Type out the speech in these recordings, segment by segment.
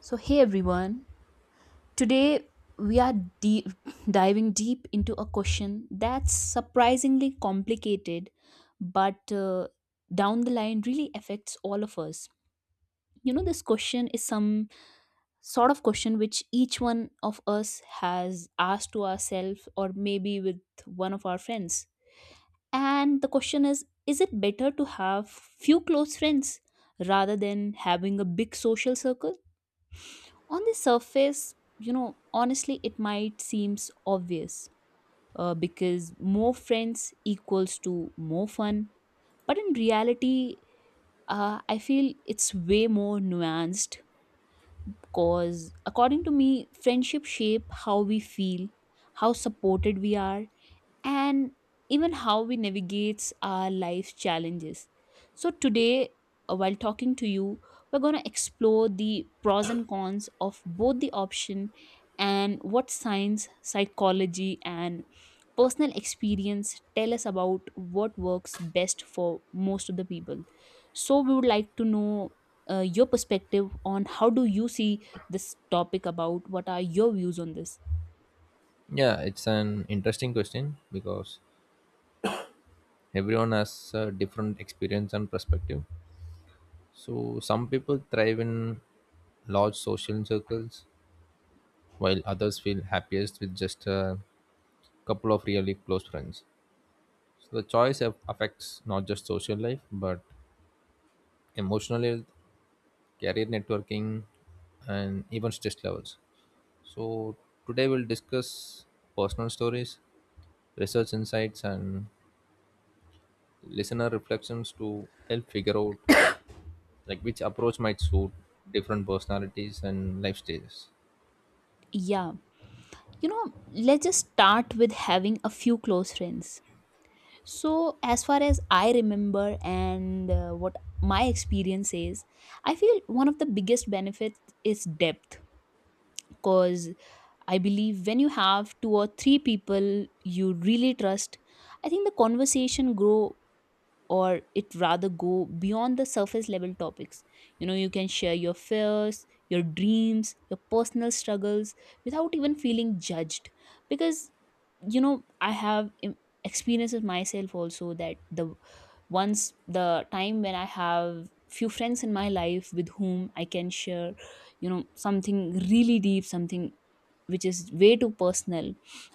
So, hey everyone, today we are deep, diving deep into a question that's surprisingly complicated, but down the line really affects all of us. You know, this question is some sort of question which each one of us has asked to ourselves or maybe with one of our friends. And the question is it better to have few close friends rather than having a big social circle? On the surface, you know, honestly, it might seems obvious because more friends equals to more fun. But in reality, I feel it's way more nuanced because, according to me, friendship shape how we feel, how supported we are, and even how we navigate our life's challenges. So, today, while talking to you, we're going to explore the pros and cons of both the option and what science, psychology, and personal experience tell us about what works best for most of the people. So, we would like to know. Your perspective on how do you see this topic, about what are your views on this. Yeah, it's an interesting question because everyone has a different experience and perspective. So some people thrive in large social circles, while others feel happiest with just a couple of really close friends. So the choice affects not just social life, but emotional health, career networking, and even stress levels. So today we'll discuss personal stories, research insights, and listener reflections to help figure out like which approach might suit different personalities and life stages. Yeah, you know, let's just start with having a few close friends. So as far as I remember, and what my experience is, I feel one of the biggest benefits is depth, because I believe when you have two or three people you really trust, I think the conversation grow, or it rather go beyond the surface level topics. You know, you can share your fears, your dreams, your personal struggles without even feeling judged. Because, you know i have im- experiences myself also, that the once the time when I have few friends in my life with whom I can share, you know, something really deep, something which is way too personal,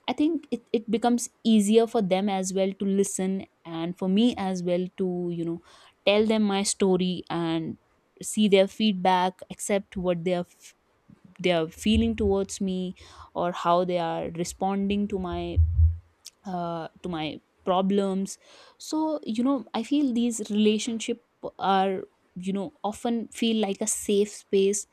I think it becomes easier for them as well to listen, and for me as well to, you know, tell them my story and see their feedback, accept what they are feeling towards me, or how they are responding to my problems. So you know, I feel these relationship are, you know, often feel like a safe space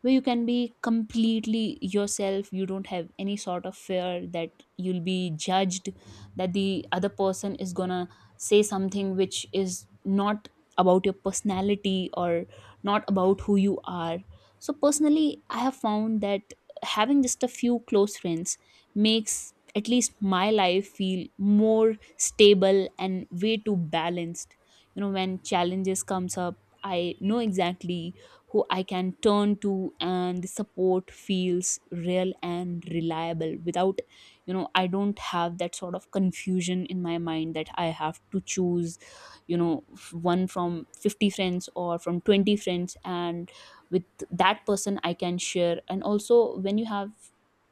where you can be completely yourself. You don't have any sort of fear that you'll be judged, that the other person is gonna say something which is not about your personality, or not about who you are. So personally I have found that having just a few close friends makes, at least, my life feel more stable and way too balanced. You know, when challenges comes up, I know exactly who I can turn to, and the support feels real and reliable. Without, you know, I don't have that sort of confusion in my mind that I have to choose, one from 50 friends or from 20 friends, and with that person I can share. And also when you have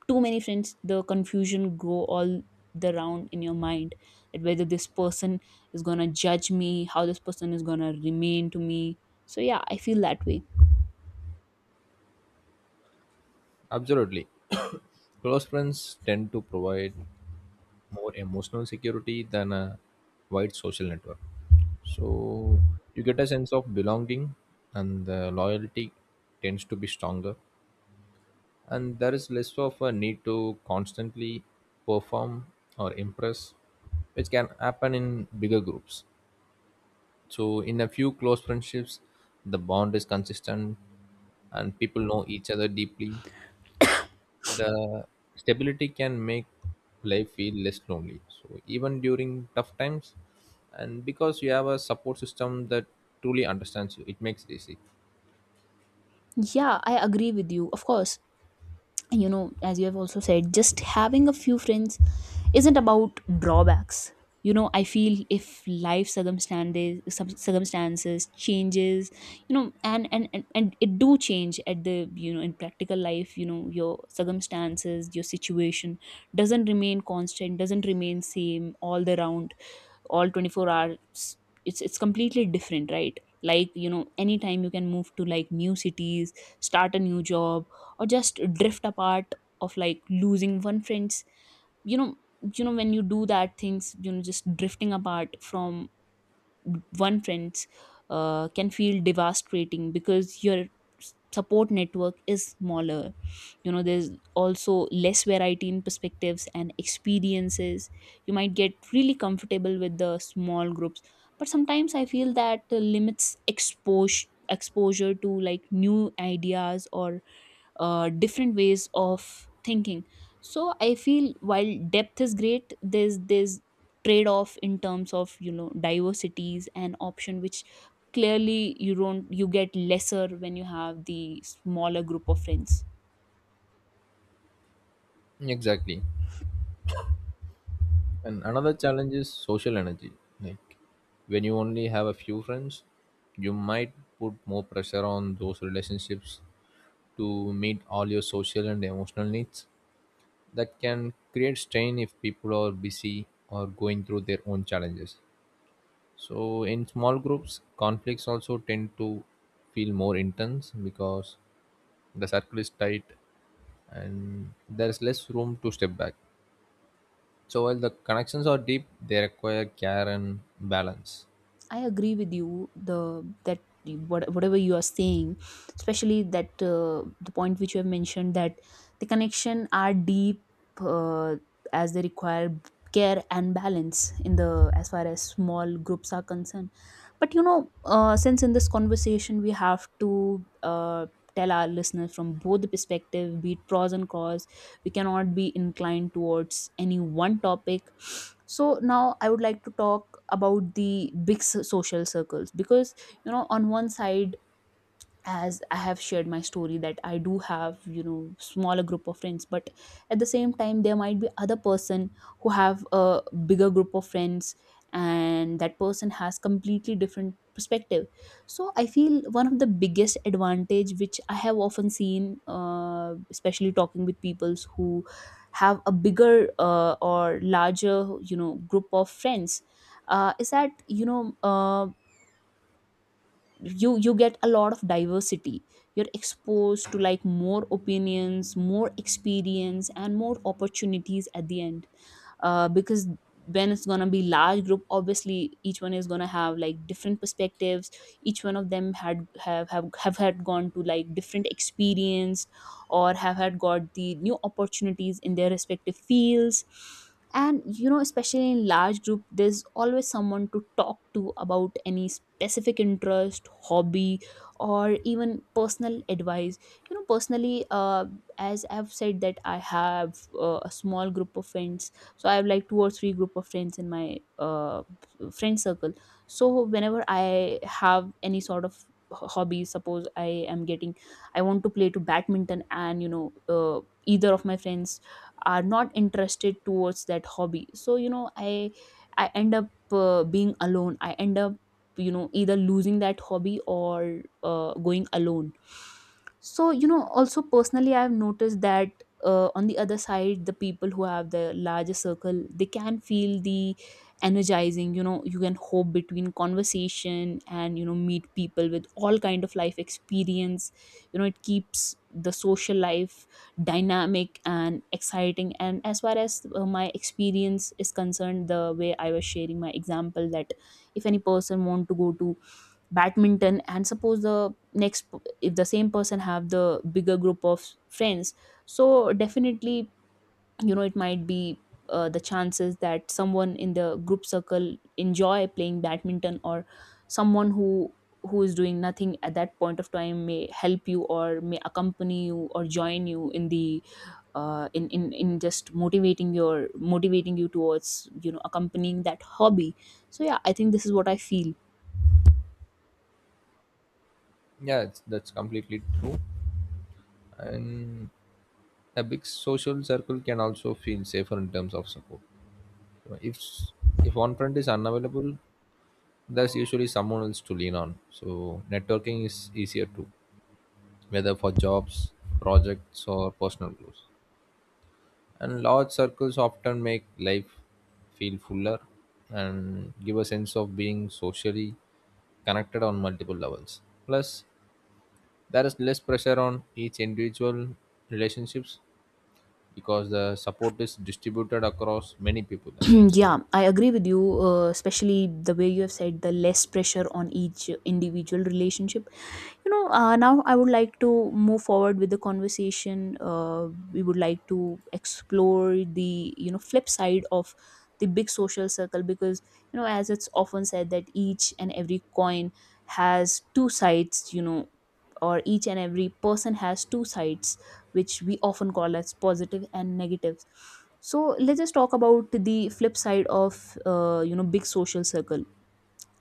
too many friends, the confusion go all the round in your mind, that whether this person is gonna judge me, how this person is gonna remain to me. So yeah, I feel that way. Absolutely. Close friends tend to provide more emotional security than a wide social network. So you get a sense of belonging, and the loyalty tends to be stronger, and there is less of a need to constantly perform or impress, which can happen in bigger groups. So in a few close friendships, the bond is consistent and people know each other deeply. The stability can make life feel less lonely. So even during tough times, and because you have a support system that truly understands you, it makes it easy. Yeah, I agree with you, of course. You know, as you have also said, just having a few friends isn't about drawbacks. You know, I feel if life circumstances, some circumstances changes, you know, and it do change at the, you know, in practical life. You know, your circumstances, your situation doesn't remain constant, doesn't remain same all the round, all 24 hours. It's completely different, right? Like, you know, anytime you can move to like new cities, start a new job, or just drift apart, of like losing one friends, you know. When you do that things, you know, just drifting apart from one friends can feel devastating because your support network is smaller. You know, there's also less variety in perspectives and experiences. You might get really comfortable with the small groups, but sometimes I feel that limits expose exposure to like new ideas, or different ways of thinking. So I feel while depth is great, there's trade off in terms of, you know, diversities and option, which clearly you don't, you get lesser when you have the smaller group of friends. Exactly. And another challenge is social energy. Like when you only have a few friends, you might put more pressure on those relationships to meet all your social and emotional needs that can create strain if people are busy or going through their own challenges. So in small groups, conflicts also tend to feel more intense because the circle is tight and there's less room to step back. So while the connections are deep, they require care and balance. I agree with you. Whatever you are saying, especially that, the point which you have mentioned, that the connection are deep, uh, as they require care and balance in the, as far as small groups are concerned. But you know, since in this conversation we have to tell our listeners from both the perspective, be it pros and cons, we cannot be inclined towards any one topic. So now I would like to talk about the social circles. Because you know, on one side, as I have shared my story, that I do have, you know, smaller group of friends, but at the same time there might be other person who have a bigger group of friends, and that person has completely different perspective. So I feel one of the biggest advantage which I have often seen, especially talking with peoples who have a bigger or larger, you know, group of friends, is that, you know, you get a lot of diversity. You're exposed to like more opinions, more experience, and more opportunities at the end, because when it's gonna be large group, obviously each one is gonna have like different perspectives. Each one of them had have had gone to like different experience, or have had got the new opportunities in their respective fields. And you know, especially in large group, there's always someone to talk to about any specific interest, hobby, or even personal advice. You know, personally, as I've said, that I have a small group of friends. So I have like two or three group of friends in my friend circle. So whenever I have any sort of hobby, suppose I am getting I want to play to badminton, and you know, either of my friends are not interested towards that hobby. So you know, I end up being alone. I end up, you know, either losing that hobby, or going alone. So you know, also personally I've noticed that, on the other side, the people who have the larger circle, they can feel the energizing. You know, you can hope between conversation, and you know, meet people with all kind of life experience. You know, it keeps the social life dynamic and exciting. And as far as my experience is concerned, the way I was sharing my example, that if any person want to go to badminton, and suppose the next if the same person have the bigger group of friends, so definitely, you know, it might be, the chances that someone in the group circle enjoy playing badminton, or someone who is doing nothing at that point of time may help you, or may accompany you, or join you in the in just motivating you towards, you know, accompanying that hobby. So yeah, I think this is what I feel. Yeah, that's completely true. And a big social circle can also feel safer in terms of support. So, if one friend is unavailable, there's usually someone else to lean on. So networking is easier too, whether for jobs, projects, or personal goals. And large circles often make life feel fuller and give a sense of being socially connected on multiple levels. Plus, there is less pressure on each individual relationships because the support is distributed across many people, as I've Yeah, seen. I agree with you, especially the way you have said, the less pressure on each individual relationship. You know, now I would like to move forward with the conversation. We would like to explore the, you know, flip side of the big social circle. Because you know, as it's often said, that each and every coin has two sides, you know, or each and every person has two sides, which we often call as positive and negative. So let's just talk about the flip side of, you know, big social circle.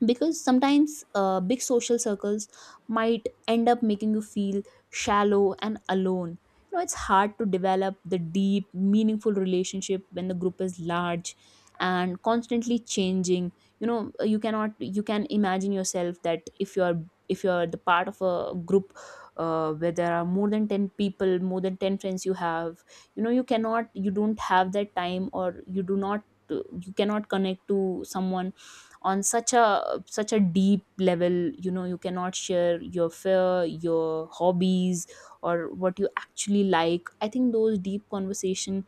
Because sometimes big social circles might end up making you feel shallow and alone. You know, it's hard to develop the deep meaningful relationship when the group is large and constantly changing. You know, you cannot you can imagine yourself that if you're, if you're the part of a group where there are more than 10 people, more than 10 friends you have. You know, you don't have that time, or you do not, you cannot connect to someone on such a deep level. You know, you cannot share your fear, your hobbies, or what you actually like. I think those deep conversation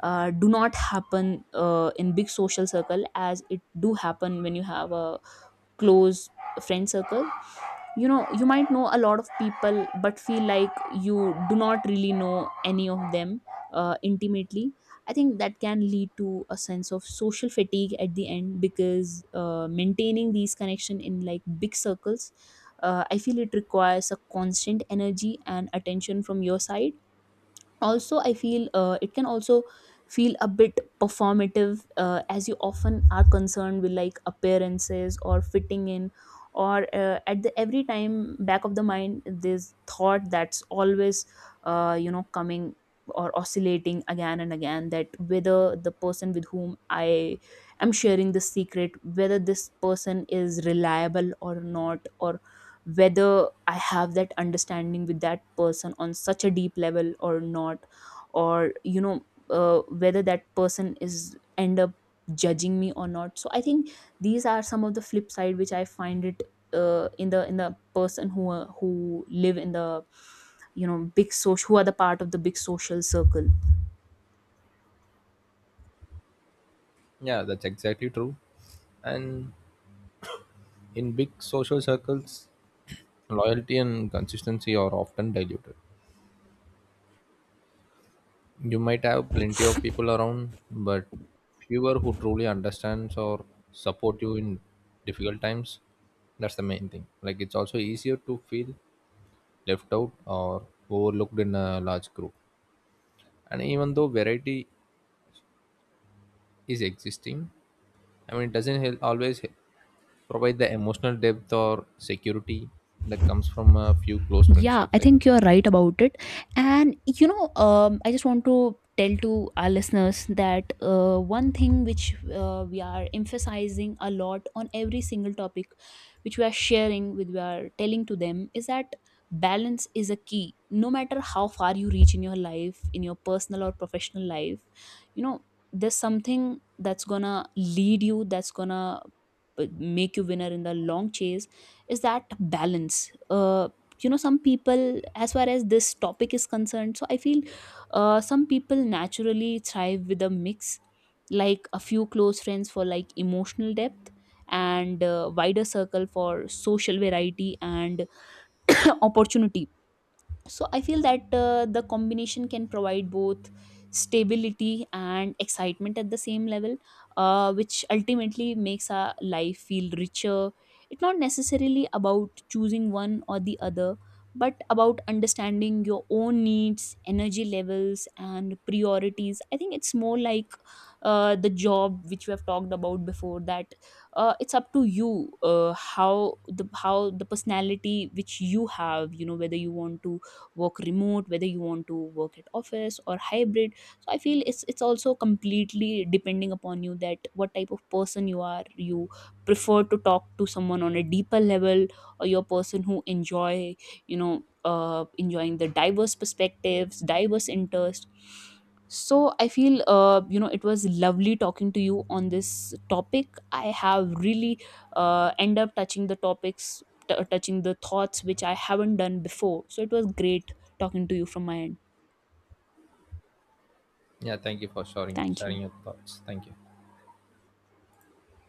do not happen in big social circle, as it do happen when you have a close friend circle. You know, you might know a lot of people, but feel like you do not really know any of them intimately. I think that can lead to a sense of social fatigue at the end, because maintaining these connection in like big circles, I feel it requires a constant energy and attention from your side. Also I feel it can also feel a bit performative, as you often are concerned with like appearances, or fitting in, or at the every time back of the mind, this thought that's always you know, coming, or oscillating again and again, that whether the person with whom I am sharing the secret, whether this person is reliable or not, or whether I have that understanding with that person on such a deep level or not, or you know, whether that person is end up judging me or not. So I think these are some of the flip side which I find it, in the, in the person who are, who live in the, you know, big social who are the part of the big social circle. Yeah, that's exactly true. And in big social circles, loyalty and consistency are often diluted. You might have plenty of people around, but fewer who truly understands or support you in difficult times. That's the main thing. Like it's also easier to feel left out or overlooked in a large group. And even though variety is existing, I mean, it doesn't provide the emotional depth or security that comes from a few close Yeah, I friendships, I think. think you're right about it. And you know, I just want to tell to our listeners that, one thing which, we are emphasizing a lot on every single topic, which we are sharing with, we are telling to them, is that balance is a key. No matter how far you reach in your life, in your personal or professional life, you know, there's something that's gonna lead you, that's gonna make you winner in the long chase, is that balance. You know, some people, as far as this topic is concerned, so I feel, some people naturally thrive with a mix, like a few close friends for like emotional depth, and wider circle for social variety and opportunity. So I feel that, the combination can provide both stability and excitement at the same level, which ultimately makes our life feel richer. It's not necessarily about choosing one or the other, but about understanding your own needs, energy levels, and priorities. I think it's more like, the job which we have talked about before, that, it's up to you, how the personality which you have, you know, whether you want to work remote, whether you want to work at office, or hybrid. So I feel it's also completely depending upon you, that what type of person you are. You prefer to talk to someone on a deeper level, or you're a person who enjoy, you know, enjoying the diverse perspectives, diverse interests. So I feel, you know, it was lovely talking to you on this topic. I have really end up touching the topics, touching the thoughts which I haven't done before. So it was great talking to you from my end. Yeah, thank you for sharing Thank sharing you. your thoughts. Thank you.